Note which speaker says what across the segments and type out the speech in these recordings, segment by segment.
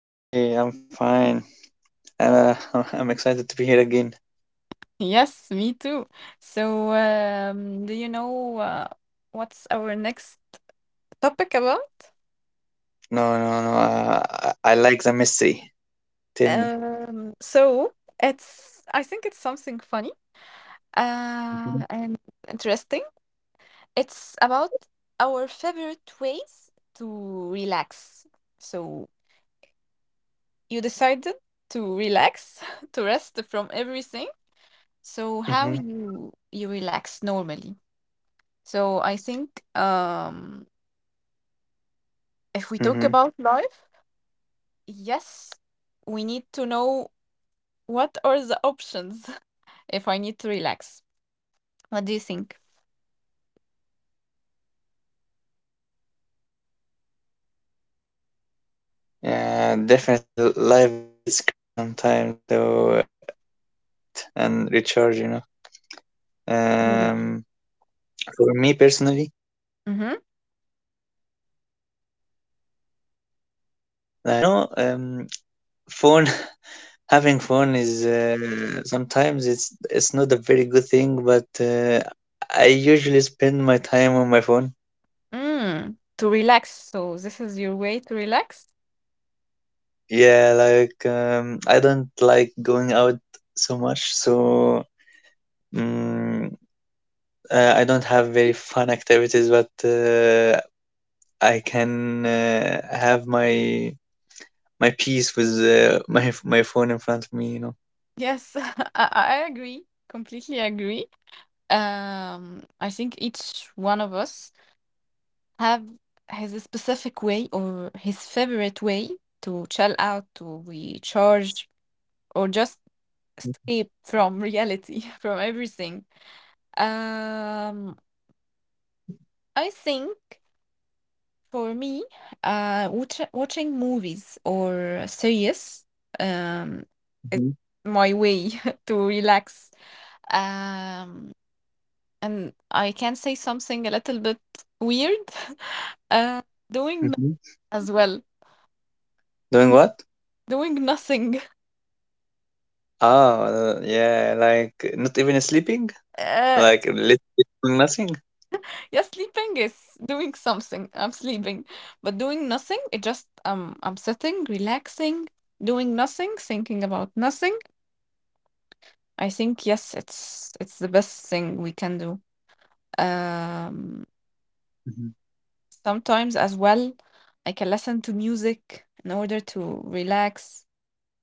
Speaker 1: Hi, I'm fine. I'm, uh, I'm excited to be here again.
Speaker 2: Yes, me too. So, do you know what's our next topic about?
Speaker 1: No, no, no. I like the mystery. Tell me.
Speaker 2: So it's, I think it's something funny
Speaker 1: Mhm,
Speaker 2: uh, and interesting. It's about our favorite ways to relax. So, you decided to relax, to rest from everything. So, how
Speaker 1: mhm,
Speaker 2: you relax normally? So, I think. If we talk
Speaker 1: mhm.
Speaker 2: about life, yes, we need to know what are the options if I need to relax. What do you think?
Speaker 1: Yeah, definitely. Life gets crazy sometimes, so uh, every person have his favorite way to chill out and recharge. You know. Um,
Speaker 2: Mm.
Speaker 1: for me personally,
Speaker 2: Hmm.
Speaker 1: um, I, I, I- I'm, you know, um, phone. Having fun is sometimes it's not a very good thing, but I usually spend my time on my phone.
Speaker 2: Mm. To relax. So this is your way to relax?
Speaker 1: Yeah, like I don't like going out so much, so mm I don't have very fun activities, but I can have my peace with my phone in front of me, you know.
Speaker 2: Yes, I agree. Completely agree. I think each one of us have his specific way or his favorite way to chill out, to recharge, or just escape from reality, from everything. Um, I think for me, watching movies or series, um, is
Speaker 1: Hmm.
Speaker 2: my way to relax. Um, and I can say something a little bit weird. Uh, doing no
Speaker 1: Hmm.
Speaker 2: as well.
Speaker 1: Doing what?
Speaker 2: Doing nothing.
Speaker 1: Oh, yeah, like not even sleeping.
Speaker 2: Uh,
Speaker 1: Like literally doing nothing.
Speaker 2: yeah, sleeping is doing something. I'm sleeping, but doing nothing, it just I'm sitting, relaxing, doing nothing, thinking about nothing. I think yes, it's the best thing we can do. Um,
Speaker 1: Mhm.
Speaker 2: sometimes as well, I can listen to music in order to relax,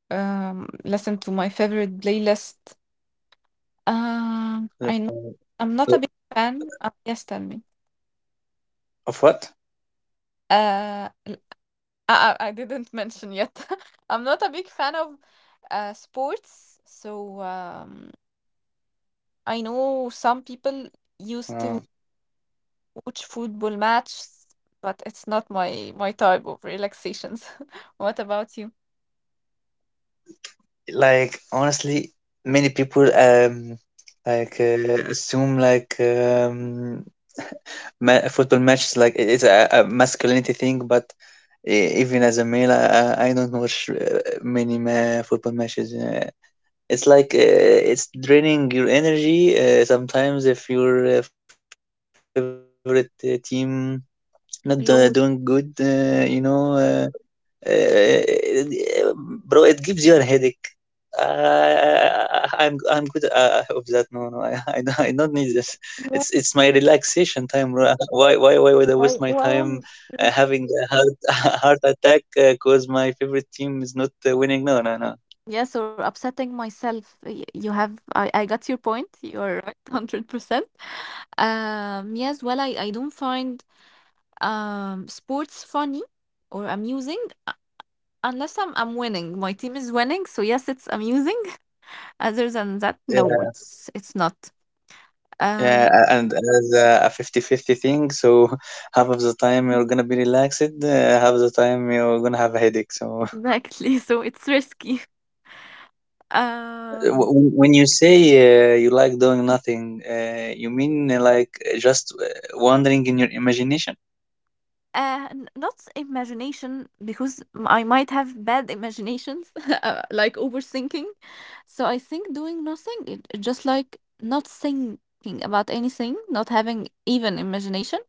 Speaker 2: listen to my favorite playlist.
Speaker 1: Uh,
Speaker 2: I know I'm not a big fan. Yes, tell me.
Speaker 1: Of what?
Speaker 2: Uh, l- I, I didn't mention yet. I'm not a big fan of sports, so I know some
Speaker 1: Uh,
Speaker 2: people used to watch football matches, but it's not my type of relaxations. What about you?
Speaker 1: like honestly, many people like assume football matches like it's a masculinity thing, but even as a male, I don't watch many football matches. It's like it's draining your energy. Sometimes if your favorite team not doing good, you
Speaker 2: Lows.
Speaker 1: know. Bro, it gives you a headache. I'm good of that. No, no, I I don't need this. It's my
Speaker 2: Yeah,
Speaker 1: relaxation time, bro. Why would I waste my time
Speaker 2: why am
Speaker 1: having a
Speaker 2: yes,
Speaker 1: heart a heart attack because my favorite team is not winning? No, no, no.
Speaker 2: yes, or upsetting myself. You have I got your point. You're right, 100%. Um, yes, well I don't find um, sports funny or amusing uh, unless I'm winning. My team is winning, so yes, it's amusing. Other than that,
Speaker 1: Yeah,
Speaker 2: no, it's not.
Speaker 1: yeah,
Speaker 2: Um,
Speaker 1: and as a 50-50 thing, so half of the time you're gonna be relaxed, half the time you're gonna have a headache. So
Speaker 2: exactly. So it's risky.
Speaker 1: Uh,
Speaker 2: Um,
Speaker 1: wh- when you say you like doing nothing, you mean like just wandering in your imagination,
Speaker 2: not imagination because I might have bad imaginations, like overthinking. So I think doing nothing, it just like not thinking about anything, not having even imagination,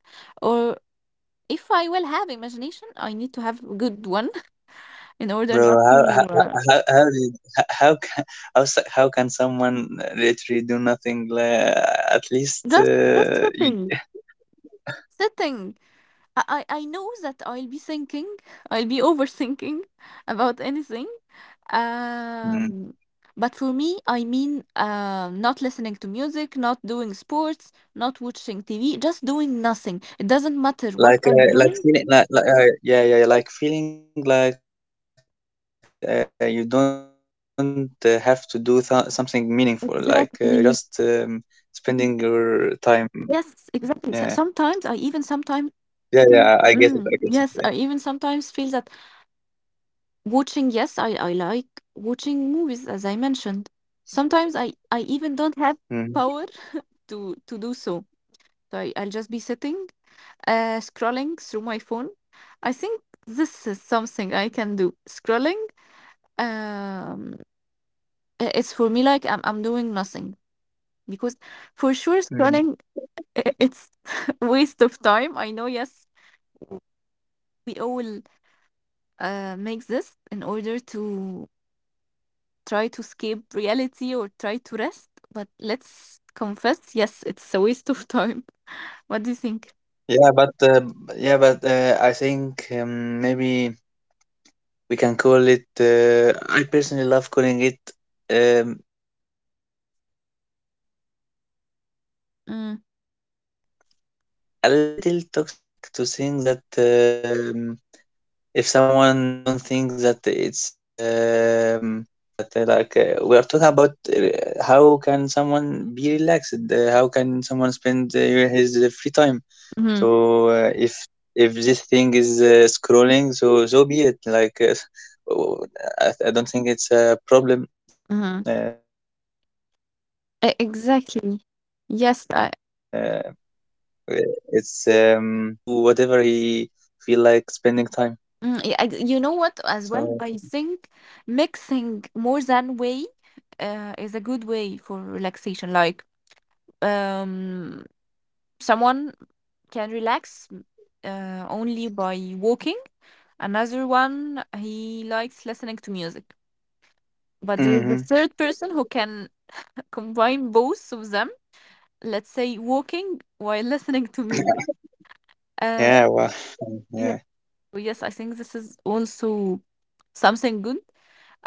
Speaker 2: or if I will have imagination, I need to have good one in order
Speaker 1: bro?
Speaker 2: not to
Speaker 1: How can, how can someone literally do nothing? At least
Speaker 2: just sitting. Sitting. I know that I'll be thinking, I'll be overthinking about anything. Um,
Speaker 1: mm,
Speaker 2: but for me, I mean, not listening to music, not doing sports, not watching TV, just doing nothing. It doesn't matter what I'm
Speaker 1: like
Speaker 2: doing.
Speaker 1: feeling like yeah, yeah, like feeling like you don't have to do something meaningful, like just spending your
Speaker 2: Exactly.
Speaker 1: time. Yeah,
Speaker 2: Yes, exactly.
Speaker 1: yeah, yeah. I
Speaker 2: Sometimes
Speaker 1: I
Speaker 2: I
Speaker 1: get it.
Speaker 2: even
Speaker 1: I get it.
Speaker 2: sometimes
Speaker 1: Yeah.
Speaker 2: yes, I even sometimes feel that watching, yes, I like watching movies, as I mentioned. Sometimes I
Speaker 1: Mm-hmm.
Speaker 2: even don't have power to do so. So I'll just be sitting, scrolling through my phone. I think this is something I can do. Scrolling, um, it's for me like I'm doing nothing because for sure
Speaker 1: Mm.
Speaker 2: scrolling it's waste of time. I know, yes, we all make this in order to try to escape reality or try to rest, but let's confess, yes, it's a waste of time. What do you think?
Speaker 1: Yeah, but uh, yeah, but I think maybe we can call it. I personally love calling it um, a little toxic to think that
Speaker 2: Mm.
Speaker 1: if someone don't think that it's a meaningful thing, then it's a waste of time. No, I don't think that. Like we are talking about how can someone be relaxed? How can someone spend his free time? So if this thing is scrolling, so so be it. Like oh, I don't think it's a problem.
Speaker 2: Mm-hmm.
Speaker 1: It's
Speaker 2: E, exactly.
Speaker 1: everyone has
Speaker 2: Yes,
Speaker 1: has
Speaker 2: I,
Speaker 1: has has the right to do whatever he feel like spending time.
Speaker 2: mm, y I you know what
Speaker 1: So
Speaker 2: as well? I think mixing more than way is a good way for relaxation. Like, um, someone can relax, only by walking. Another one, he likes listening to music. But there is a
Speaker 1: hmm.
Speaker 2: third person who can combine both of them. Let's say walking while listening to music. Uh,
Speaker 1: Yeah, well,
Speaker 2: yeah.
Speaker 1: yeah.
Speaker 2: So, yes, I think this is also something good.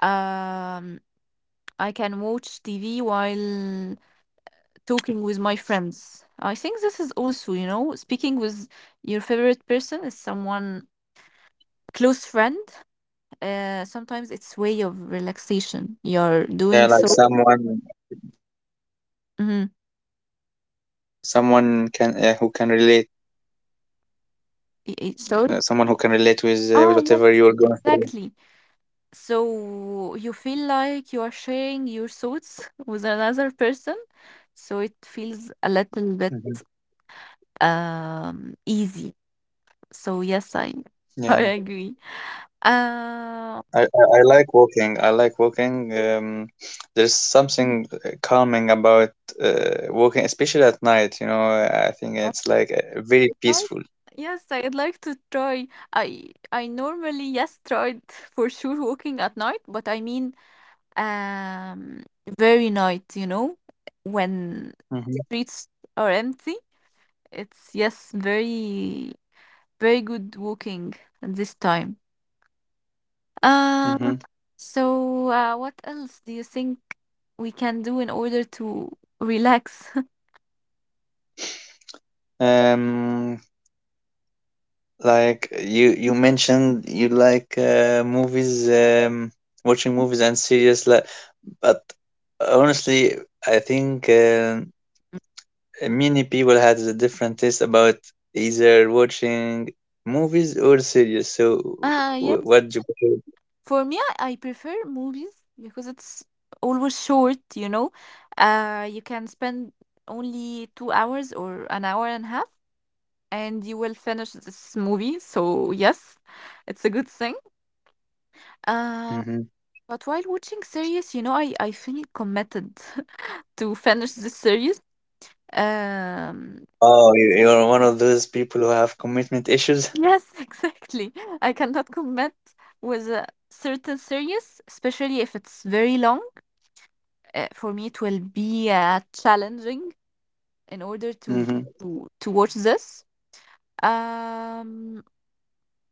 Speaker 2: Um, I can watch TV while talking with my friends. I think this is also, you know, speaking with your favorite person is someone close friend. Sometimes it's
Speaker 1: Hmm.
Speaker 2: way of relaxation. You're doing so.
Speaker 1: Yeah, like someone, someone can
Speaker 2: Mhm.
Speaker 1: yeah, who can relate, someone who can relate with
Speaker 2: Sorry.
Speaker 1: whatever you're going through.
Speaker 2: Ah, yes, exactly. So you feel like you are sharing your thoughts with another person, so it feels a
Speaker 1: Hmm.
Speaker 2: little bit easy. So yes, I
Speaker 1: Yeah.
Speaker 2: I agree. Uh,
Speaker 1: I like walking. I like walking. There's something calming about walking, especially at night. You know, I think
Speaker 2: yes,
Speaker 1: it's like very
Speaker 2: I'd like
Speaker 1: peaceful.
Speaker 2: yes, I'd like to try. I normally yes tried for sure walking at night, but I mean um, very night, you know, when
Speaker 1: Hmm.
Speaker 2: streets are empty. It's yes, very very good walking at this time. Uh,
Speaker 1: Hmm.
Speaker 2: so, what else do you think we can do in order to relax?
Speaker 1: Um, like you mentioned, you like movies, watching movies and series. Like, but honestly, I think. Many people had a different taste about either watching movies or series. So, what do
Speaker 2: Yes.
Speaker 1: you prefer?
Speaker 2: For me, I prefer movies because it's always short, you know. You can spend only 2 hours or an hour and a half, and you will finish this movie. So yes, it's a good thing. Uh,
Speaker 1: Hmm.
Speaker 2: but while watching series, you know, I feel committed to finish this series. Um,
Speaker 1: Oh, you're one of those people who have commitment issues.
Speaker 2: Yes, exactly. I cannot commit with a certain series, especially if it's very long. For me, it will be challenging in order to
Speaker 1: Hmm.
Speaker 2: to watch this. Um.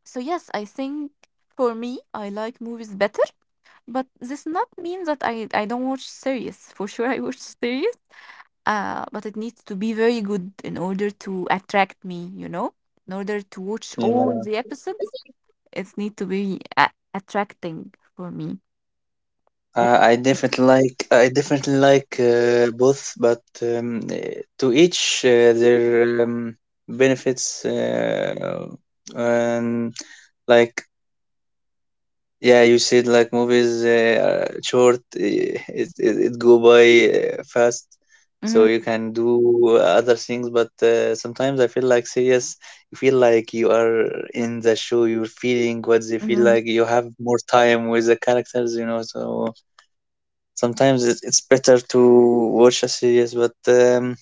Speaker 2: So yes, I think for me, I like movies better, but this not mean that I don't watch series. For sure, I watch series. But it needs to be very good in order to attract me, you know, in order to watch all
Speaker 1: Yeah,
Speaker 2: the episodes. It need to be attracting for me.
Speaker 1: I definitely like both, but to each their benefits. And like yeah, you said like movies are short, it go by fast, so
Speaker 2: Mhm,
Speaker 1: you can do other things. But sometimes I feel like serious. You feel like you are in the show. You're feeling what they feel
Speaker 2: mhm.
Speaker 1: like. You have more time with the characters, you know. So sometimes it's better to watch a series, but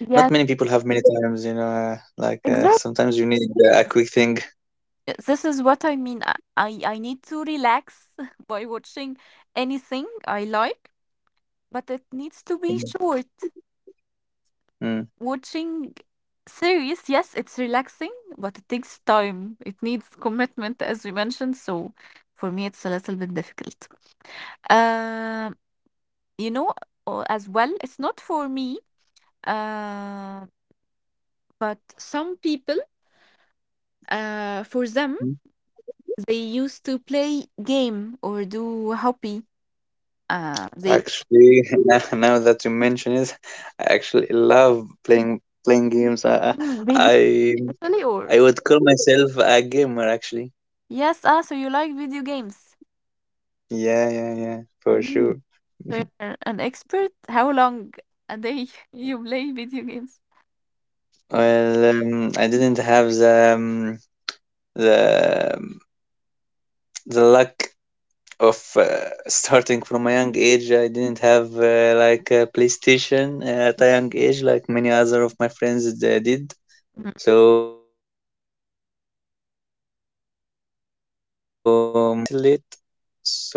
Speaker 2: Yes,
Speaker 1: not many people have many times, you know. Like
Speaker 2: exactly.
Speaker 1: sometimes you need a quick thing.
Speaker 2: This is what I mean. I need to relax by watching anything I like, but it needs to be short.
Speaker 1: Mm.
Speaker 2: Watching series, yes, it's relaxing, but it takes time. It needs commitment, as we mentioned. So for me, it's a little bit difficult. Um, you know, as well, it's not for me. Uh, but some people, uh, for them, they used to play game or do hobby. They.
Speaker 1: Actually, now now that you mention it, I actually love playing games.
Speaker 2: Video
Speaker 1: I,
Speaker 2: actually or
Speaker 1: I would call myself a gamer actually.
Speaker 2: yes. Ah, so you like video games?
Speaker 1: Yeah, yeah, yeah, for
Speaker 2: Mm.
Speaker 1: sure.
Speaker 2: So you're an expert. How long a day you play video games?
Speaker 1: Well, I didn't have the the the luck of starting from a young age. I didn't have like a PlayStation at a young age, like many other of my friends did.
Speaker 2: Mm-hmm.
Speaker 1: So I can say I started a little late, so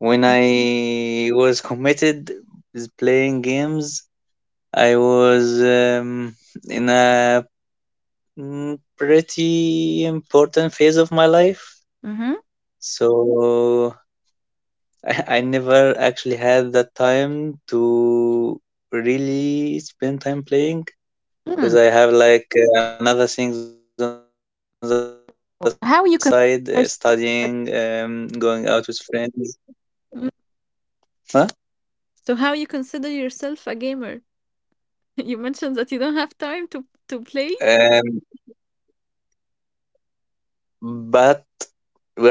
Speaker 1: when I was committed with playing games, I was in a pretty important phase of my life. So I never actually had that time to really spend time playing because
Speaker 2: Mm.
Speaker 1: I have like another things on the side, studying,
Speaker 2: How you consider
Speaker 1: going out
Speaker 2: yourself?
Speaker 1: with friends. Huh?
Speaker 2: Mm. So how you consider yourself a gamer? You mentioned that you don't have time to play.
Speaker 1: Um, but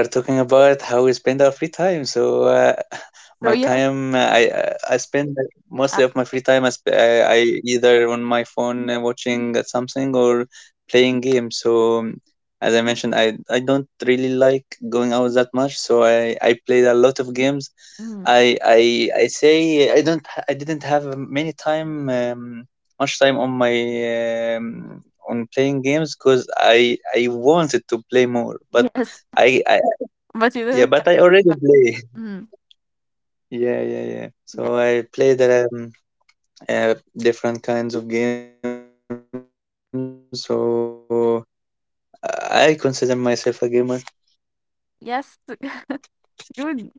Speaker 1: we're talking about how we spend our free time. So
Speaker 2: So
Speaker 1: my
Speaker 2: yes,
Speaker 1: time, I spend like
Speaker 2: uh,
Speaker 1: mostly of my free time. I, sp- I either on my phone watching something or playing games. So as I mentioned, I don't really like going out that much. So I played a lot of games.
Speaker 2: mm,
Speaker 1: I say I don't I didn't have many time much time on my on playing games because I wanted to play more but
Speaker 2: yes,
Speaker 1: I
Speaker 2: but you
Speaker 1: yeah, but
Speaker 2: don't.
Speaker 1: I already play
Speaker 2: Mm,
Speaker 1: yeah, yeah, yeah,
Speaker 2: yeah.
Speaker 1: so I played different kinds of games, so I consider myself a gamer.
Speaker 2: Yes, good.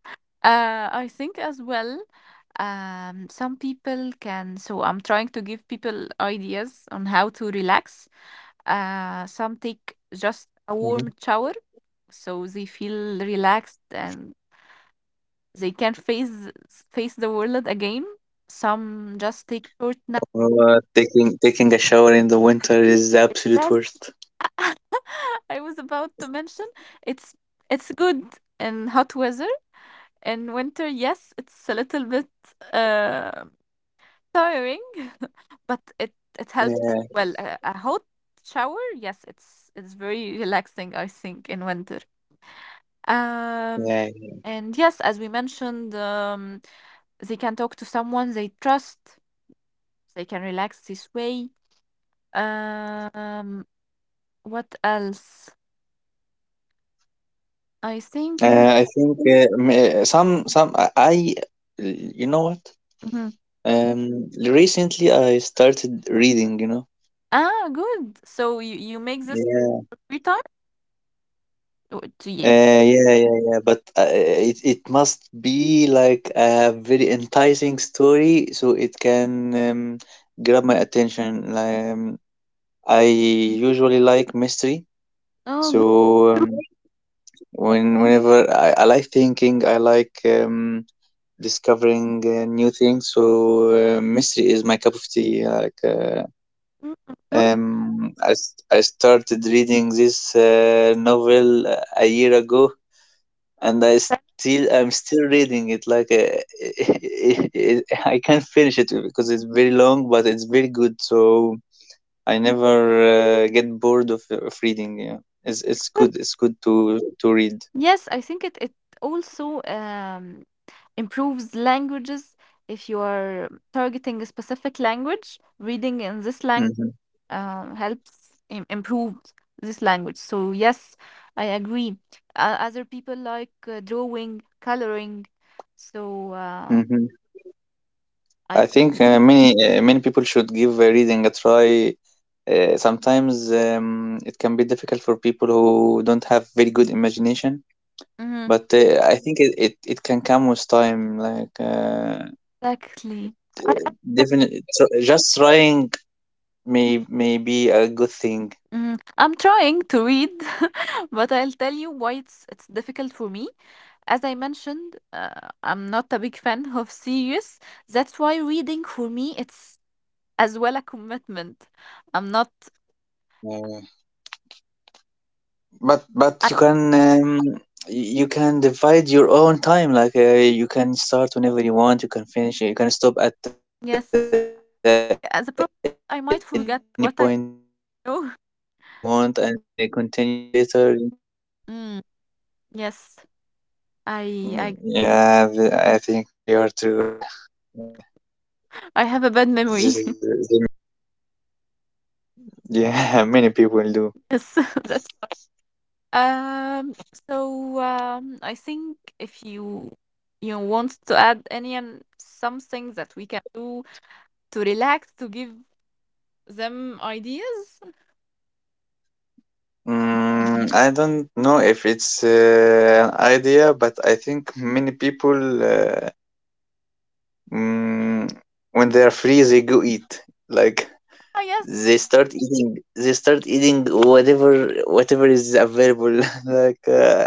Speaker 2: I think as well, some people can. So I'm trying to give people ideas on how to relax. Some
Speaker 1: Mhm.
Speaker 2: take just a warm shower, so they feel relaxed and they can face the world again. Some just take short nap.
Speaker 1: Taking a shower in the winter is the absolute
Speaker 2: That
Speaker 1: worst.
Speaker 2: I was about to mention. It's it's good in hot weather. In winter, yes, it's a little bit uh, tiring. But it helps as
Speaker 1: Yeah.
Speaker 2: well. A hot shower, yes, it's very relaxing, I think, in winter. Um,
Speaker 1: Yeah.
Speaker 2: and yes, as we mentioned, they can talk to someone they trust. They can relax this way. Um, what else? I think.
Speaker 1: I think m- some I- You know what?
Speaker 2: Mhm.
Speaker 1: Recently I started reading. You know.
Speaker 2: Ah, good. So you make this
Speaker 1: Yeah.
Speaker 2: every time? Oh, it's- yeah.
Speaker 1: Yeah, yeah, yeah. But it it must be like a very enticing story, so it can grab my attention. Like, I usually like mystery,
Speaker 2: Oh,
Speaker 1: so
Speaker 2: good.
Speaker 1: um, whenever I like thinking, I like discovering new things. So mystery is my cup of tea. Like
Speaker 2: Mm,
Speaker 1: um, I, I started reading this novel a year ago, and I'm still reading it. Like I can't finish it because it's very long, but it's very good. So I never get bored of reading. Yeah, it's
Speaker 2: good.
Speaker 1: good. It's good to read.
Speaker 2: Yes, I think it it also improves languages. If you are targeting a specific language, reading in this language
Speaker 1: Mhm,
Speaker 2: helps im improve this language. So yes, I agree. Other people like drawing, coloring. So
Speaker 1: mhm.
Speaker 2: I.
Speaker 1: I think many people should give reading a try. Sometimes it can be difficult for people who don't have very good imagination,
Speaker 2: Mhm,
Speaker 1: but I think it can come with time. Like
Speaker 2: exactly. I,
Speaker 1: definitely, just trying may be a good thing.
Speaker 2: I'm trying to read, but I'll tell you why it's difficult for me. As I mentioned, I'm not a big fan of series. That's why reading for me it's as well a commitment. I'm not.
Speaker 1: Uh, but
Speaker 2: I,
Speaker 1: you can you can divide your own time like you can start whenever you want, you can finish, you can stop at any point
Speaker 2: yes,
Speaker 1: you want and
Speaker 2: as a
Speaker 1: continue
Speaker 2: problem,
Speaker 1: later,
Speaker 2: I
Speaker 1: you
Speaker 2: might
Speaker 1: know?
Speaker 2: forget what I know.
Speaker 1: Mm, yeah, I think you are
Speaker 2: Mm,
Speaker 1: true, yeah,
Speaker 2: yes, I I
Speaker 1: this is this may be considered a problem, yeah,
Speaker 2: I have a bad memory.
Speaker 1: yeah. Many people do.
Speaker 2: yes, that's um. So I think if you you want to add any and something that we can do to relax to give them ideas,
Speaker 1: I don't know if it's an idea, but I think many people mm, when they are free they go eat like
Speaker 2: I guess.
Speaker 1: they start eating. They start eating whatever is available. Like uh,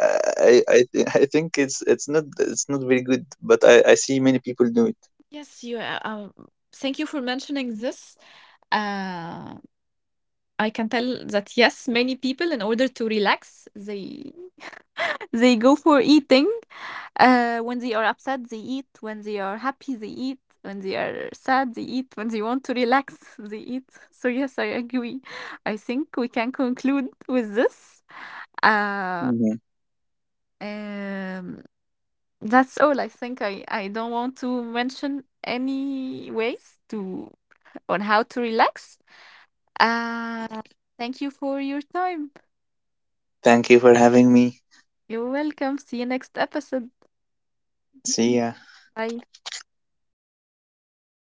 Speaker 1: I I th- I think it's not it's not very good, but I see many people do it.
Speaker 2: Yes, you thank you for mentioning this. Uh, I can tell that yes, many people, in order to relax, they they go for eating. When they are upset, they eat. When they are happy, they eat. When they are sad, they eat. When they want to relax, they eat. So yes, I agree. I think we can conclude with this. Uh,
Speaker 1: Mhm.
Speaker 2: um, that's all. I think I don't want to mention any ways to on how to relax. Uh, thank you for your time.
Speaker 1: Thank you for having me.
Speaker 2: You're welcome. See you next episode.
Speaker 1: See ya.
Speaker 2: Bye.